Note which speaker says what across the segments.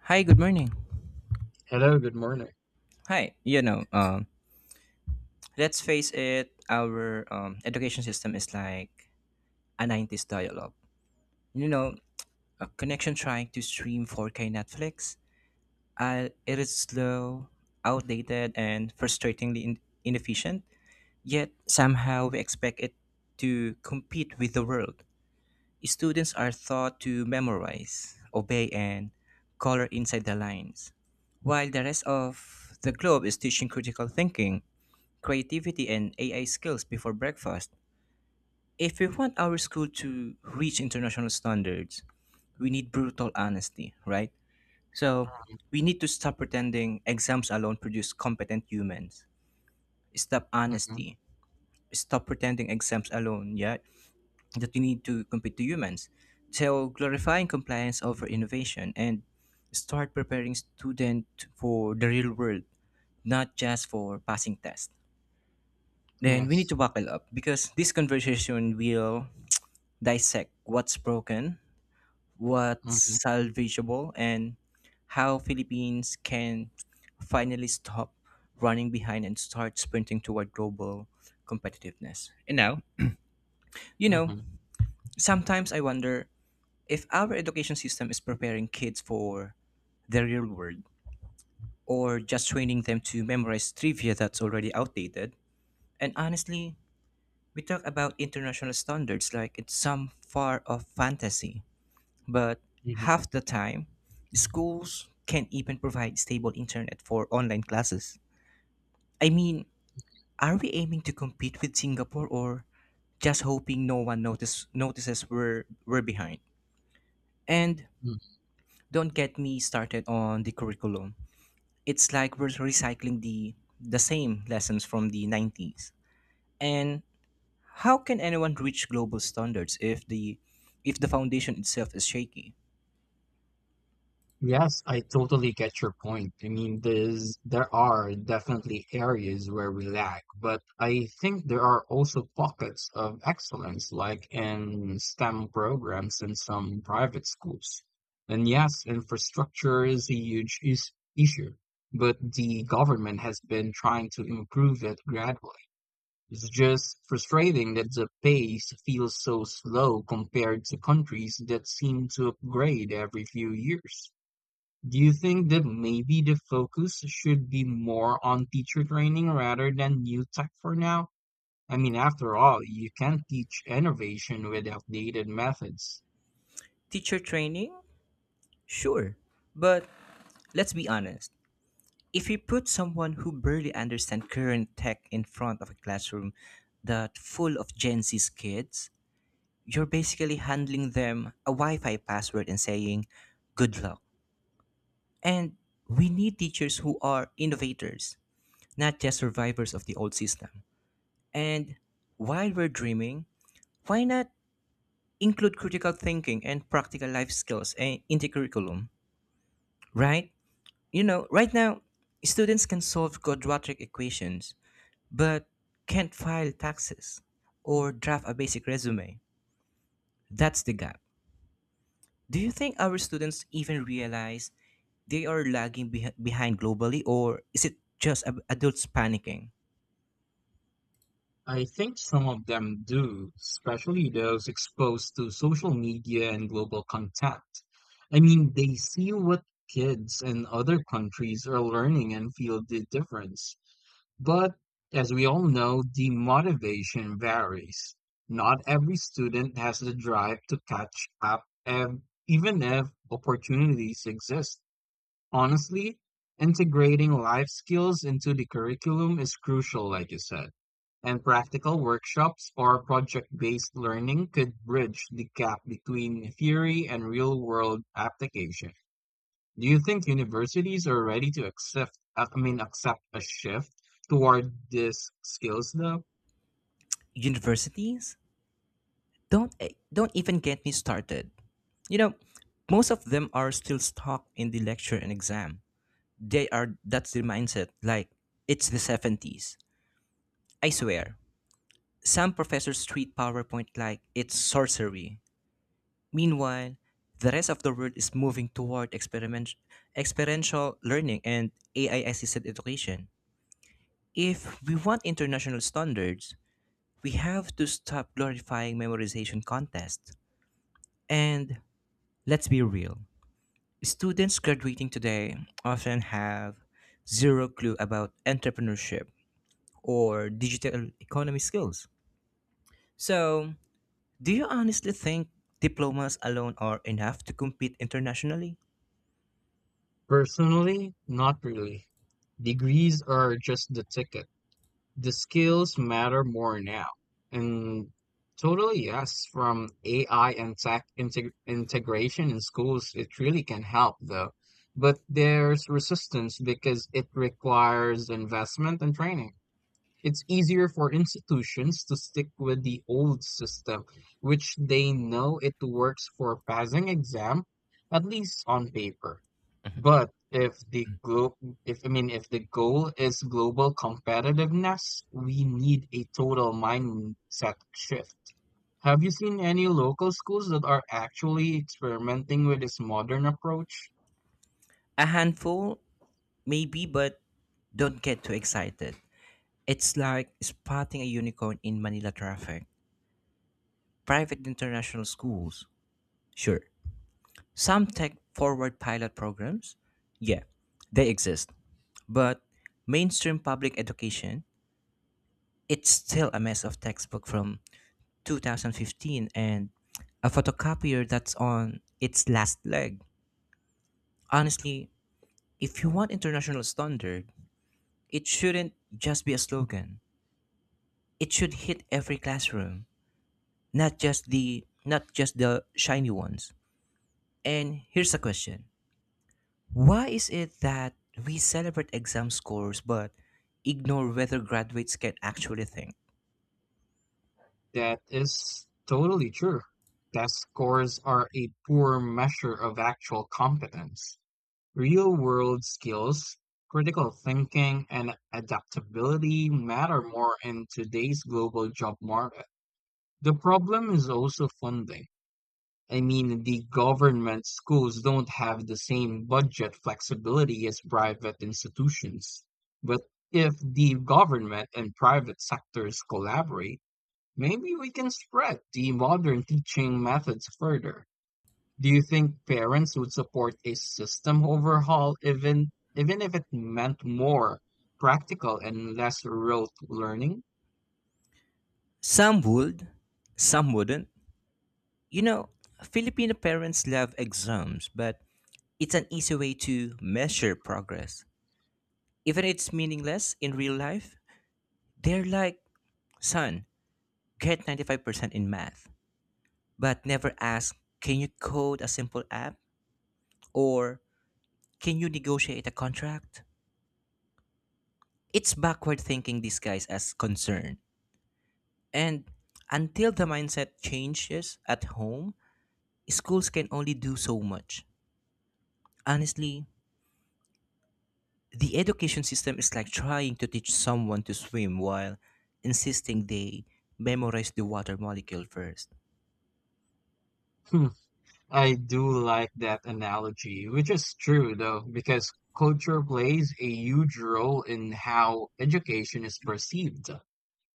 Speaker 1: Hi, good morning.
Speaker 2: Hello, good morning.
Speaker 1: Hi, let's face it, our education system is like a 90s dialogue. You know, a connection trying to stream 4K Netflix. It is slow, outdated, and frustratingly inefficient, yet somehow we expect it to compete with the world. Students are taught to memorize, obey, and color inside the lines, while the rest of the globe is teaching critical thinking creativity and AI skills before breakfast. If we want our school to reach international standards, we need brutal honesty, right? So, we need to stop pretending exams alone produce competent humans. Stop
Speaker 2: Mhm,
Speaker 1: honesty. Stop pretending exams alone, yeah, that we need to compete to humans. So, glorifying compliance over innovation and start preparing students for the real world, not just for passing tests.
Speaker 2: mhm,
Speaker 1: Then we need
Speaker 2: Yes.
Speaker 1: to buckle up because this conversation will dissect what's broken,
Speaker 2: hmm
Speaker 1: what's salvageable, and how Philippines can finally stop running behind and start sprinting toward global competitiveness. And now, you know,
Speaker 2: hmm
Speaker 1: sometimes I wonder if our education system is preparing kids for the real world or just training them to memorize trivia that's already outdated. And honestly, we talk about international standards like it's some far off fantasy, but
Speaker 2: hmm
Speaker 1: half the time, schools can't even provide stable internet for online classes. I mean, are we aiming to compete with Singapore or just hoping no one notices we're behind? And don't get me started on the curriculum. It's like we're recycling the same lessons from the 90s. And how can anyone reach global standards if the foundation itself is shaky?
Speaker 2: Yes, I totally get your point. I mean, there are definitely areas where we lack, but I think there are also pockets of excellence, like in STEM programs in some private schools. And yes, infrastructure is a huge is issue, but the government has been trying to improve it gradually. It's just frustrating that the pace feels so slow compared to countries that seem to upgrade every few years. Do you think that maybe the focus should be more on teacher training rather than new tech for now? I mean, after all, you can't teach innovation with outdated methods.
Speaker 1: Teacher training? Sure. But let's be honest. If you put someone who barely understands current tech in front of a classroom that full of Gen Z's kids, you're basically handling them a Wi-Fi password and saying, good luck. And we need teachers who are innovators, not just survivors of the old system. And while we're dreaming, why not include critical thinking and practical life skills into curriculum, right? Right now, students can solve quadratic equations, but can't file taxes or draft a basic resume. That's the gap. Do you think our students even realize they are lagging behind globally, or is it just adults panicking?
Speaker 2: I think some of them do, especially those exposed to social media and global content. I mean, they see what kids in other countries are learning and feel the difference. But as we all know, the motivation varies. Not every student has the drive to catch up, even if opportunities exist. Honestly, integrating life skills into the curriculum is crucial, like you said, and practical workshops or project-based learning could bridge the gap between theory and real-world application. Do you think universities are ready to accept, I mean, accept a shift toward these skills though?
Speaker 1: Universities don't even get me started. You know, Most of them are still stuck in the lecture and exam. They are That's their mindset. Like it's the 70s. I swear. Some professors treat PowerPoint like it's sorcery. Meanwhile, the rest of the world is moving toward experiential learning and AI assisted education. If we want international standards, we have to stop glorifying memorization contests. And let's be real, students graduating today often have zero clue about entrepreneurship, or digital economy skills. So, do you honestly think diplomas alone are enough to compete internationally?
Speaker 2: Personally, not really. Degrees are just the ticket. The skills matter more now. And totally, yes, from AI and tech integration in schools, it really can help though. But there's resistance because it requires investment and training. It's easier for institutions to stick with the old system, which they know it works for passing exam, at least on paper. But if I mean if the goal is global competitiveness, we need a total mindset shift. Have you seen any local schools that are actually experimenting with this modern approach?
Speaker 1: A handful, maybe, but don't get too excited. It's like spotting a unicorn in Manila traffic. Private international schools, sure. Some tech forward pilot programs, yeah, they exist. But mainstream public education, it's still a mess of textbook from 2015 and a photocopier that's on its last leg. Honestly, if you want international standard, it shouldn't just be a slogan. It should hit every classroom, not just the shiny ones. And here's a question. Why is it that we celebrate exam scores but ignore whether graduates can actually think?
Speaker 2: That is totally true. Test scores are a poor measure of actual competence. Real world skills, critical thinking, and adaptability matter more in today's global job market. The problem is also funding. I mean, the government schools don't have the same budget flexibility as private institutions. But if the government and private sectors collaborate, maybe we can spread the modern teaching methods further. Do you think parents would support a system overhaul even if it meant more practical and less rote learning?
Speaker 1: Some would, some wouldn't. You know, Filipino parents love exams, but it's an easy way to measure progress. Even if it's meaningless in real life, they're like, son, get 95% in math, but never ask, can you code a simple app? Or can you negotiate a contract? It's backward thinking disguised as concern. And until the mindset changes at home, schools can only do so much. Honestly, the education system is like trying to teach someone to swim while insisting they memorize the water molecule first.
Speaker 2: Hmm, I do like that analogy, which is true though, because culture plays a huge role in how education is perceived.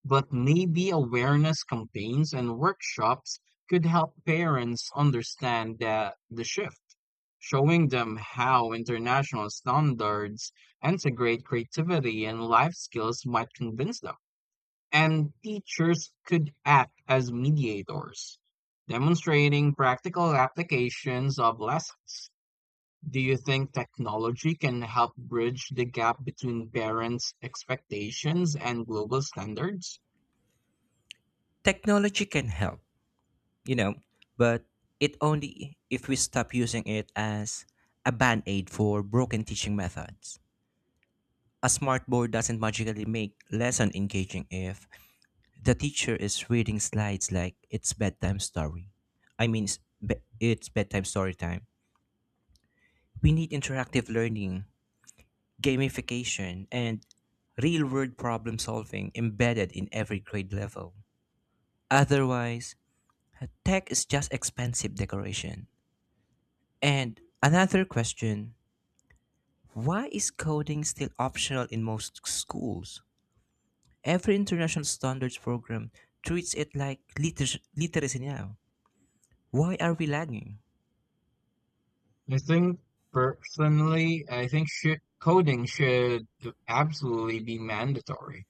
Speaker 2: But maybe awareness campaigns and workshops could help parents understand the shift, showing them how international standards integrate creativity and life skills might convince them. And teachers could act as mediators, demonstrating practical applications of lessons. Do you think technology can help bridge the gap between parents' expectations and global standards?
Speaker 1: Technology can help, you know, but it only if we stop using it as a band aid for broken teaching methods. A smart board doesn't magically make lesson engaging if the teacher is reading slides like it's bedtime story. I mean, it's bedtime story time. We need interactive learning gamification, and real world problem solving embedded in every grade level. Otherwise, tech is just expensive decoration. And another question, why is coding still optional in most schools? Every international standards program treats it like literacy now. Why are we lagging?
Speaker 2: I think I think sh coding should absolutely be mandatory.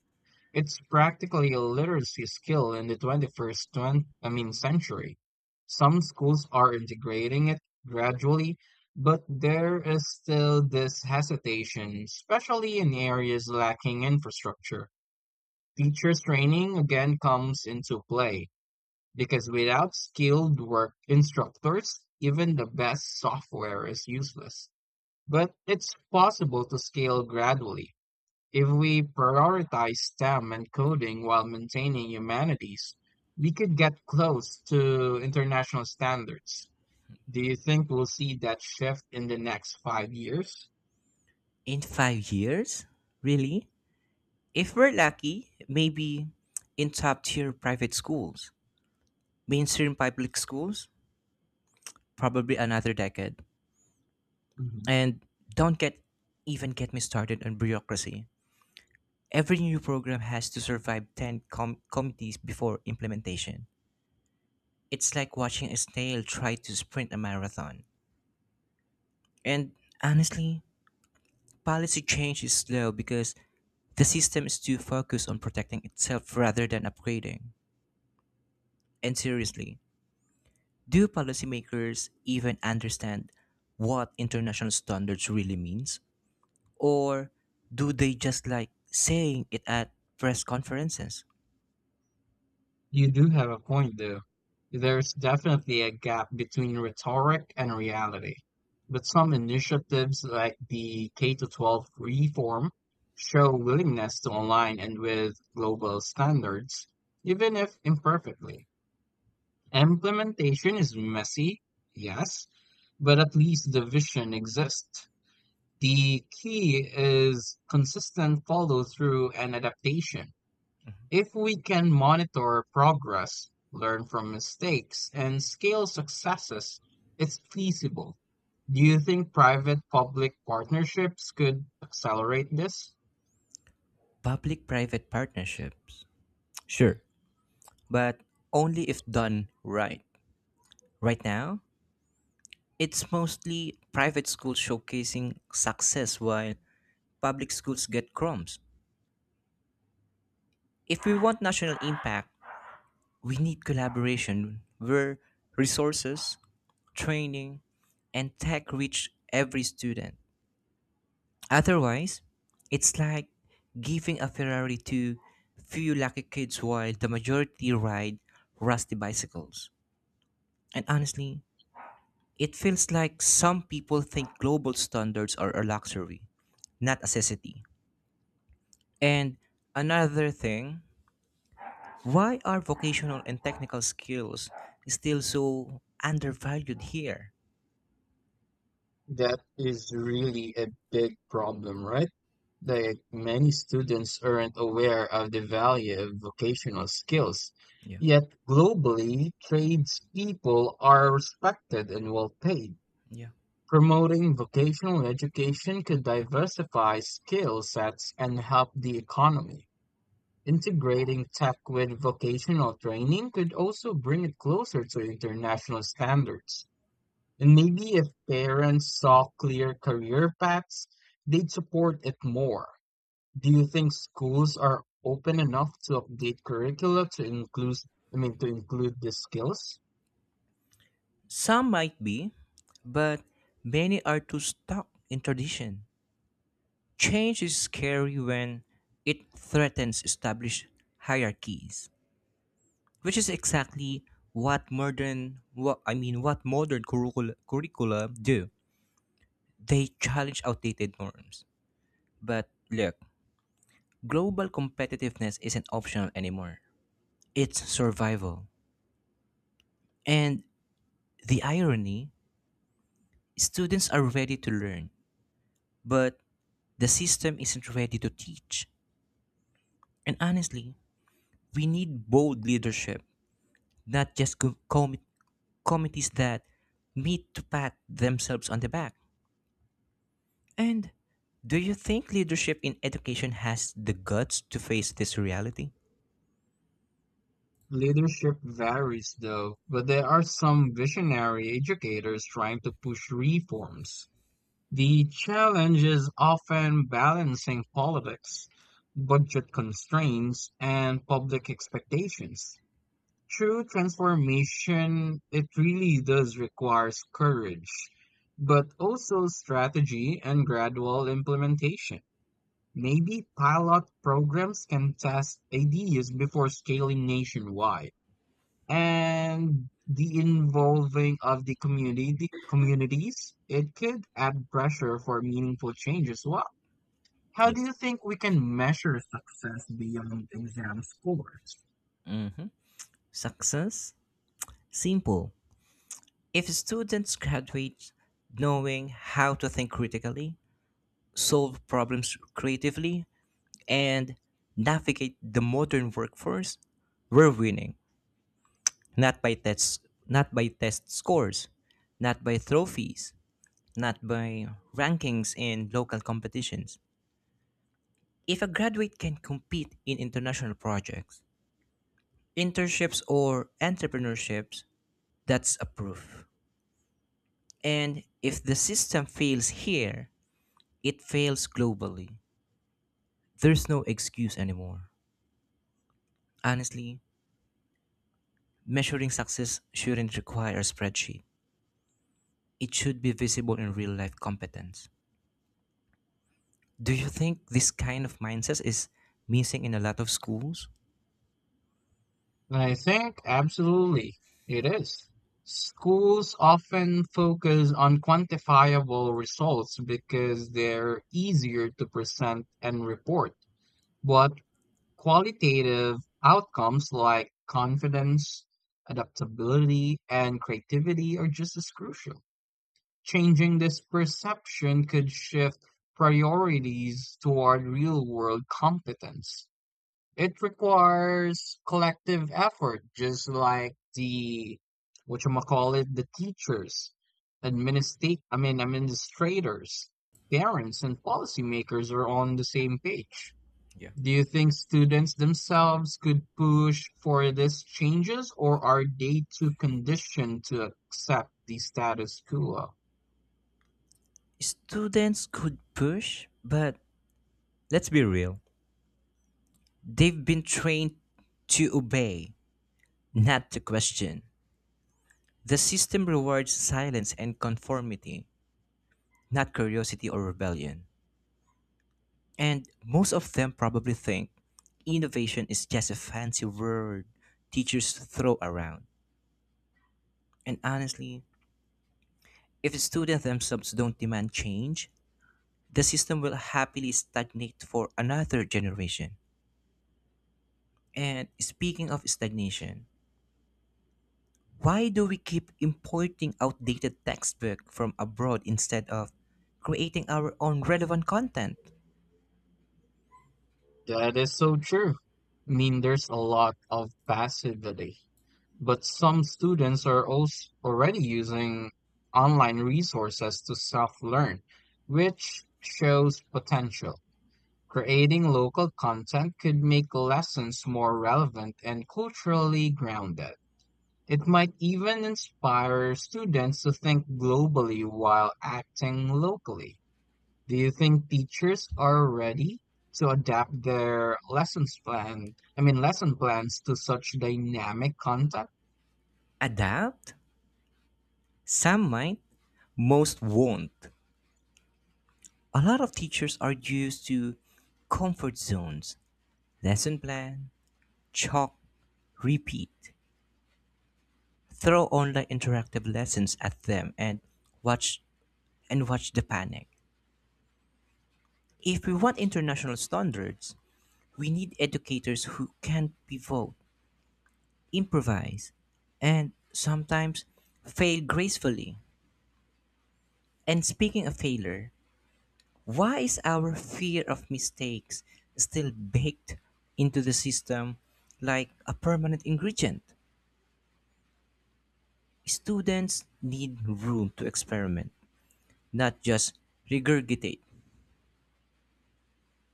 Speaker 2: It's practically a literacy skill in the I mean, century. Some schools are integrating it gradually, but there is still this hesitation, especially in areas lacking infrastructure. Teachers training again comes into play because without skilled work instructors, even the best software is useless. But it's possible to scale gradually. If we prioritize STEM and coding while maintaining humanities, we could get close to international standards. Do you think we'll see that shift in the next 5 years?
Speaker 1: In 5 years? Really? If we're lucky, maybe in top tier private schools, mainstream public schools, probably another decade. And don't get even get me started on bureaucracy. Every new program has to survive 10 committees before implementation. It's like watching a snail try to sprint a marathon. And honestly, policy change is slow because the system is too focused on protecting itself rather than upgrading. And seriously, do policymakers even understand what international standards really means? Or do they just like saying it at press conferences?
Speaker 2: You do have a point there. There's definitely a gap between rhetoric and reality. But some initiatives like the K-12 to 12 reform show willingness to align and with global standards, even if imperfectly. Implementation is messy, yes, but at least the vision exists. The key is consistent follow through and adaptation. If we can monitor progress, learn from mistakes, and scale successes, it's feasible. Do you think private public partnerships could accelerate this?
Speaker 1: Public private partnerships. Sure, but only if done right. Right now, it's mostly private schools showcasing success while public schools get crumbs. If we want national impact, we need collaboration where resources, training, and tech reach every student. Otherwise, it's like giving a Ferrari to few lucky kids while the majority ride rusty bicycles. And honestly, it feels like some people think global standards are a luxury, not a necessity. And another thing, why are vocational and technical skills still so undervalued here?
Speaker 2: That is really a big problem, right? Like many students aren't aware of the value of vocational skills.
Speaker 1: Yeah,
Speaker 2: Yet globally, tradespeople are respected and well paid.
Speaker 1: yeah.
Speaker 2: Promoting vocational education could diversify skill sets and help the economy. Integrating tech with vocational training could also bring it closer to international standards. And maybe if parents saw clear career paths, they'd support it more. Do you think schools are open enough to update curricula to to include these skills?
Speaker 1: Some might be, but many are too stuck in tradition. Change is scary when it threatens established hierarchies, which is exactly what modern what I mean what modern curricula do. They challenge outdated norms. But look, global competitiveness isn't optional anymore. It's survival. And the irony, students are ready to learn, but the system isn't ready to teach. And honestly, we need bold leadership, not just committees that meet to pat themselves on the back. And do you think leadership in education has the guts to face this reality?
Speaker 2: Leadership varies, though, but there are some visionary educators trying to push reforms. The challenge is often balancing politics, budget constraints, and public expectations. True transformation, it really does requires courage, but also strategy and gradual implementation. Maybe pilot programs can test ideas before scaling nationwide, and the involving of the communities it could add pressure for meaningful change as well. How
Speaker 1: Yeah.
Speaker 2: do you think we can measure success beyond exam scores?
Speaker 1: hmm Success? Simple. If students graduate knowing how to think critically, solve problems creatively, and navigate the modern workforce, we're winning. Not by tests, not by test scores, not by trophies, not by rankings in local competitions. If a graduate can compete in international projects, internships, or entrepreneurships, that's a proof. And if the system fails here, it fails globally. There's no excuse anymore. Honestly, measuring success shouldn't require a spreadsheet. It should be visible in real life competence. Do you think this kind of mindset is missing in a lot of schools?
Speaker 2: And I think absolutely it is. Schools often focus on quantifiable results because they're easier to present and report, but qualitative outcomes like confidence, adaptability, and creativity are just as crucial. Changing this perception could shift priorities toward real world competence. It requires collective effort, just like the whatchamacallit, the teachers, administrate I mean administrators, parents and policymakers are on the same page.
Speaker 1: Yeah.
Speaker 2: Do you think students themselves could push for these changes, or are they too conditioned to accept the status quo?
Speaker 1: Students could push, but let's be real. They've been trained to obey, not to question. The system rewards silence and conformity, not curiosity or rebellion. And most of them probably think innovation is just a fancy word teachers throw around. And honestly, if students themselves don't demand change, the system will happily stagnate for another generation. And speaking of stagnation, why do we keep importing outdated textbook from abroad instead of creating our own relevant content?
Speaker 2: That is so true. I mean, there's a lot of passivity, but some students are also already using online resources to self-learn, which shows potential. Creating local content could make lessons more relevant and culturally grounded. It might even inspire students to think globally while acting locally. Do you think teachers are ready to adapt their lesson plans to such dynamic content?
Speaker 1: Adapt? Some might, most won't. A lot of teachers are used to comfort zones, lesson plan, chalk, repeat. Throw online interactive lessons at them and watch watch the panic. If we want international standards, we need educators who can pivot improvise, and sometimes fail gracefully. And speaking of failure, why is our fear of mistakes still baked into the system like a permanent ingredient? Students need room to experiment, not just regurgitate.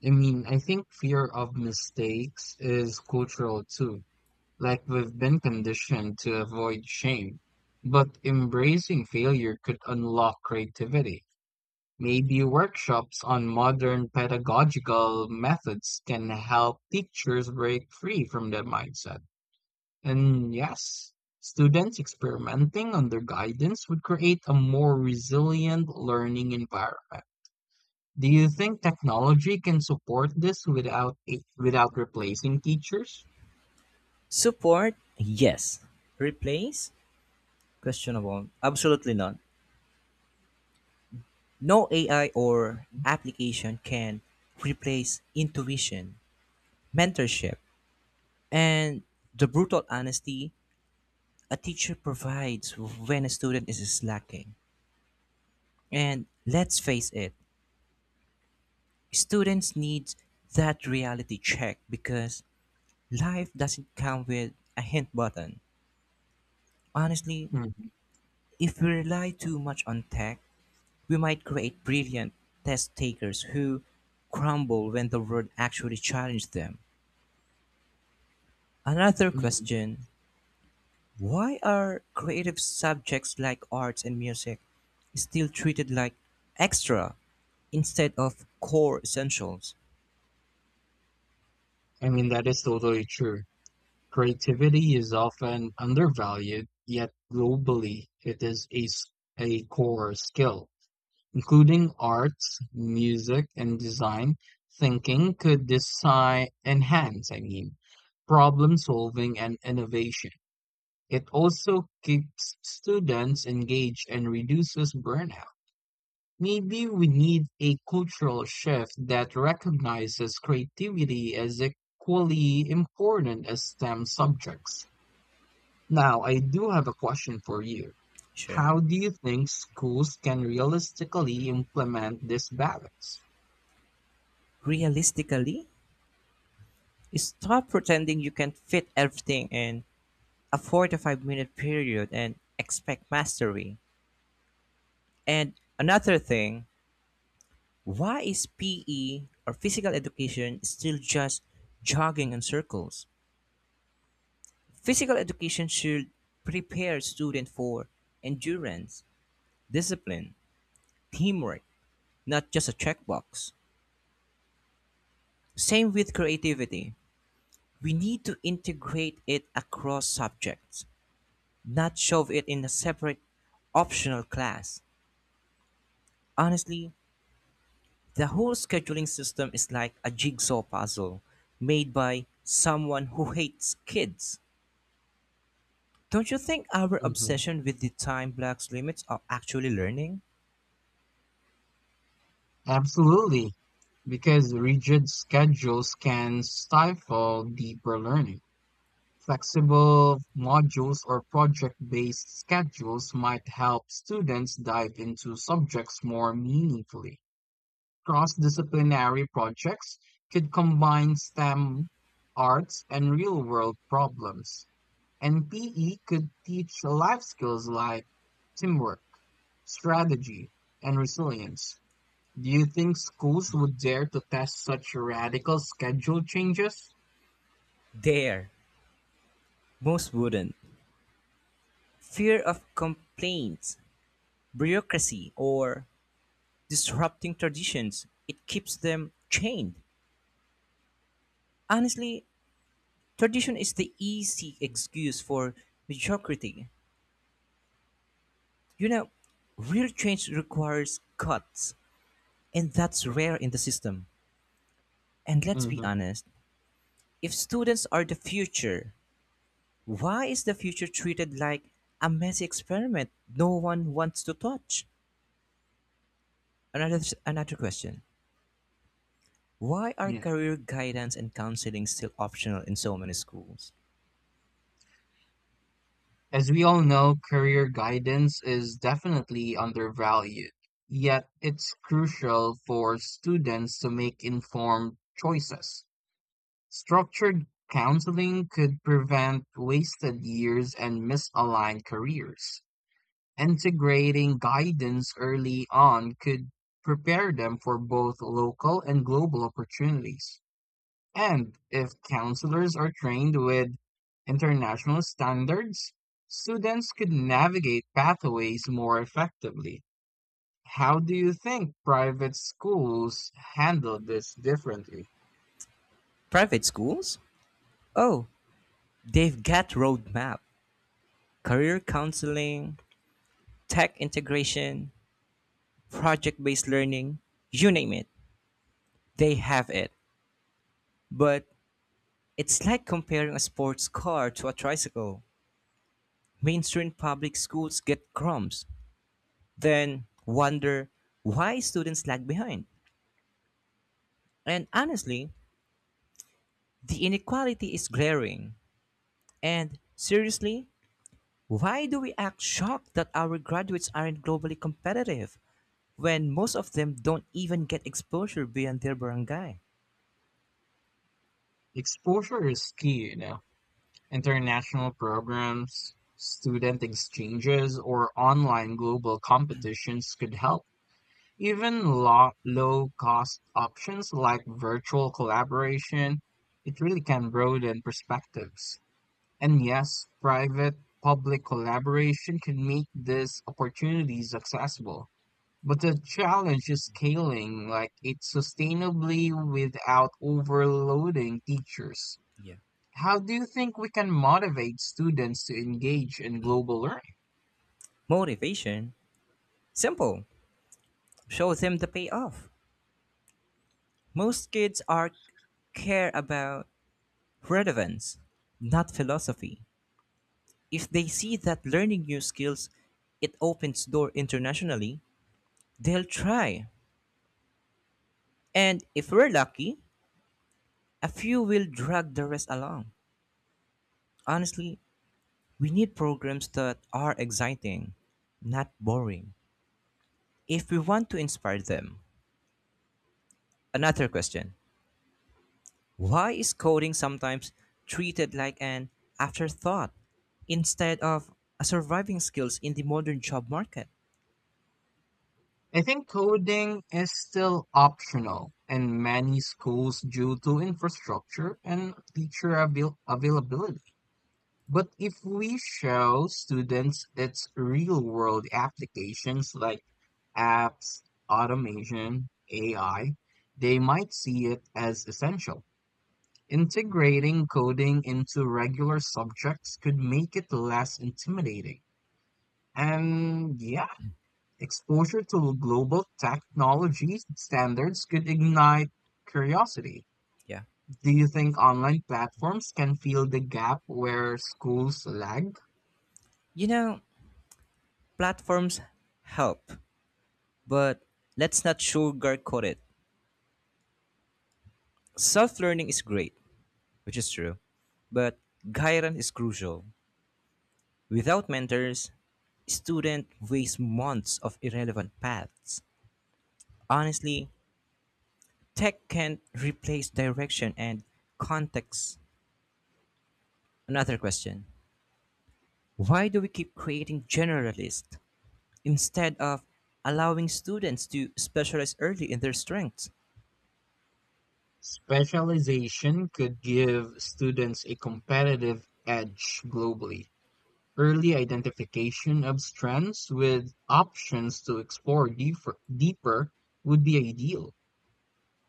Speaker 2: I mean, I think fear of mistakes is cultural too. Like we've been conditioned to avoid shame, but embracing failure could unlock creativity. Maybe workshops on modern pedagogical methods can help teachers break free from that mindset. And yes, students experimenting under guidance would create a more resilient learning environment. Do you think technology can support this without replacing teachers?
Speaker 1: Support? Yes. Replace? Questionable. Absolutely not. No AI or application can replace intuition, mentorship, and the brutal honesty a teacher provides when a student is slacking. And let's face it, students need that reality check because life doesn't come with a hint button. Honestly,
Speaker 2: Mhm,
Speaker 1: if we rely too much on tech, we might create brilliant test takers who crumble when the world actually challenges them. Another
Speaker 2: mhm.
Speaker 1: question, why are creative subjects like arts and music still treated like extra instead of core essentials?
Speaker 2: I mean, that is totally true. Creativity is often undervalued, yet globally it is a core skill. Including arts, music, and design thinking could design enhance, I mean, problem solving and innovation. It also keeps students engaged and reduces burnout. Maybe we need a cultural shift that recognizes creativity as equally important as STEM subjects. Now, I do have a question for you.
Speaker 1: Sure.
Speaker 2: How do you think schools can realistically implement this balance?
Speaker 1: Realistically, stop pretending you can fit everything in a 45-minute period and expect mastery. And another thing, why is PE or physical education still just jogging in circles? Physical education should prepare students for endurance, discipline, teamwork, not just a checkbox. Same with creativity. We need to integrate it across subjects, not shove it in a separate optional class. Honestly, the whole scheduling system is like a jigsaw puzzle made by someone who hates kids. Don't you think our
Speaker 2: hmm
Speaker 1: obsession with the time blocks limits of actually learning?
Speaker 2: Absolutely, because rigid schedules can stifle deeper learning. Flexible modules or project based schedules might help students dive into subjects more meaningfully. Cross disciplinary projects could combine STEM, arts, and real world problems. And PE could teach life skills like teamwork, strategy, and resilience. Do you think schools would dare to test such radical schedule changes?
Speaker 1: There, most wouldn't. Fear of complaints, bureaucracy, or disrupting traditions. It keeps them chained. Honestly, tradition is the easy excuse for mediocrity. You know, Real change requires cuts, and that's rare in the system. And let's be
Speaker 2: hmm
Speaker 1: honest, if students are the future, why is the future treated like a messy experiment no one wants to touch? Another Another question. Why are
Speaker 2: Yeah.
Speaker 1: career guidance and counseling still optional in so many schools?
Speaker 2: As we all know, career guidance is definitely undervalued, yet it's crucial for students to make informed choices. Structured counseling could prevent wasted years and misaligned careers. Integrating guidance early on could prepare them for both local and global opportunities. And if counselors are trained with international standards, students could navigate pathways more effectively. How do you think private schools handle this differently?
Speaker 1: Private schools? Oh, they've got roadmap, career counseling, tech integration, project-based learning, you name it, they have it. But it's like comparing a sports car to a tricycle. Mainstream public schools get crumbs, then wonder why students lag behind. And honestly, the inequality is glaring. And seriously, why do we act shocked that our graduates aren't globally competitive, when most of them don't even get exposure beyond their barangay?
Speaker 2: Exposure is key, you know. International programs, student exchanges, or online global competitions could help. Even low-cost options like virtual collaboration, it really can broaden perspectives. And yes, private-public collaboration can make these opportunities accessible. But the challenge is scaling like it sustainably without overloading teachers.
Speaker 1: Yeah.
Speaker 2: How do you think we can motivate students to engage in global learning?
Speaker 1: Motivation? Simple. Show them the payoff. Most kids are care about relevance, not philosophy. If they see that learning new skills it opens door internationally, they'll try. And if we're lucky, a few will drag the rest along. Honestly, we need programs that are exciting, not boring, if we want to inspire them. Another question, why is coding sometimes treated like an afterthought instead of a surviving skills in the modern job market?
Speaker 2: I think coding is still optional in many schools due to infrastructure and teacher availability. But if we show students its real world applications like apps, automation, AI, they might see it as essential. Integrating coding into regular subjects could make it less intimidating. And yeah, exposure to global technology standards could ignite curiosity.
Speaker 1: Yeah.
Speaker 2: Do you think online platforms can fill the gap where schools lag?
Speaker 1: You know, Platforms help, but let's not sugarcoat it. Self learning is great, which is true, but guidance is crucial. Without mentors, student waste months of irrelevant paths. Honestly, tech can't replace direction and context. Another question, why do we keep creating generalists instead of allowing students to specialize early in their strengths?
Speaker 2: Specialization could give students a competitive edge globally. Early identification of strengths with options to explore deeper would be ideal.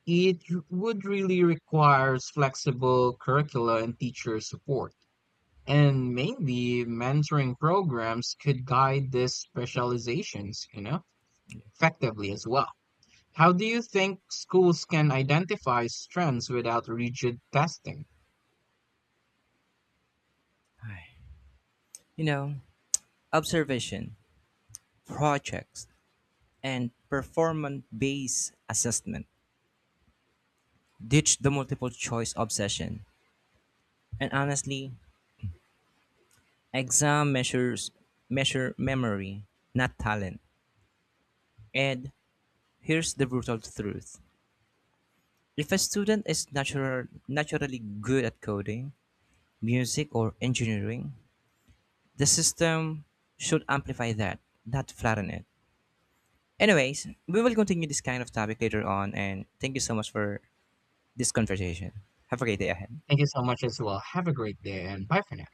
Speaker 2: It would really requires flexible curricula and teacher support. And maybe mentoring programs could guide these specializations, you know, effectively as well. How do you think schools can identify strengths without rigid testing?
Speaker 1: Ay. You know, Observation, projects, and performance based assessment. Ditch the multiple choice obsession. And honestly, exam measure memory, not talent. And here's the brutal truth. If a student is naturally good at coding, music, or engineering, the system should amplify that, not flatten it. Anyways, we will continue this kind of topic later on, and thank you so much for this conversation. Have a great day ahead.
Speaker 2: Thank you so much as well. Have a great day and bye for now.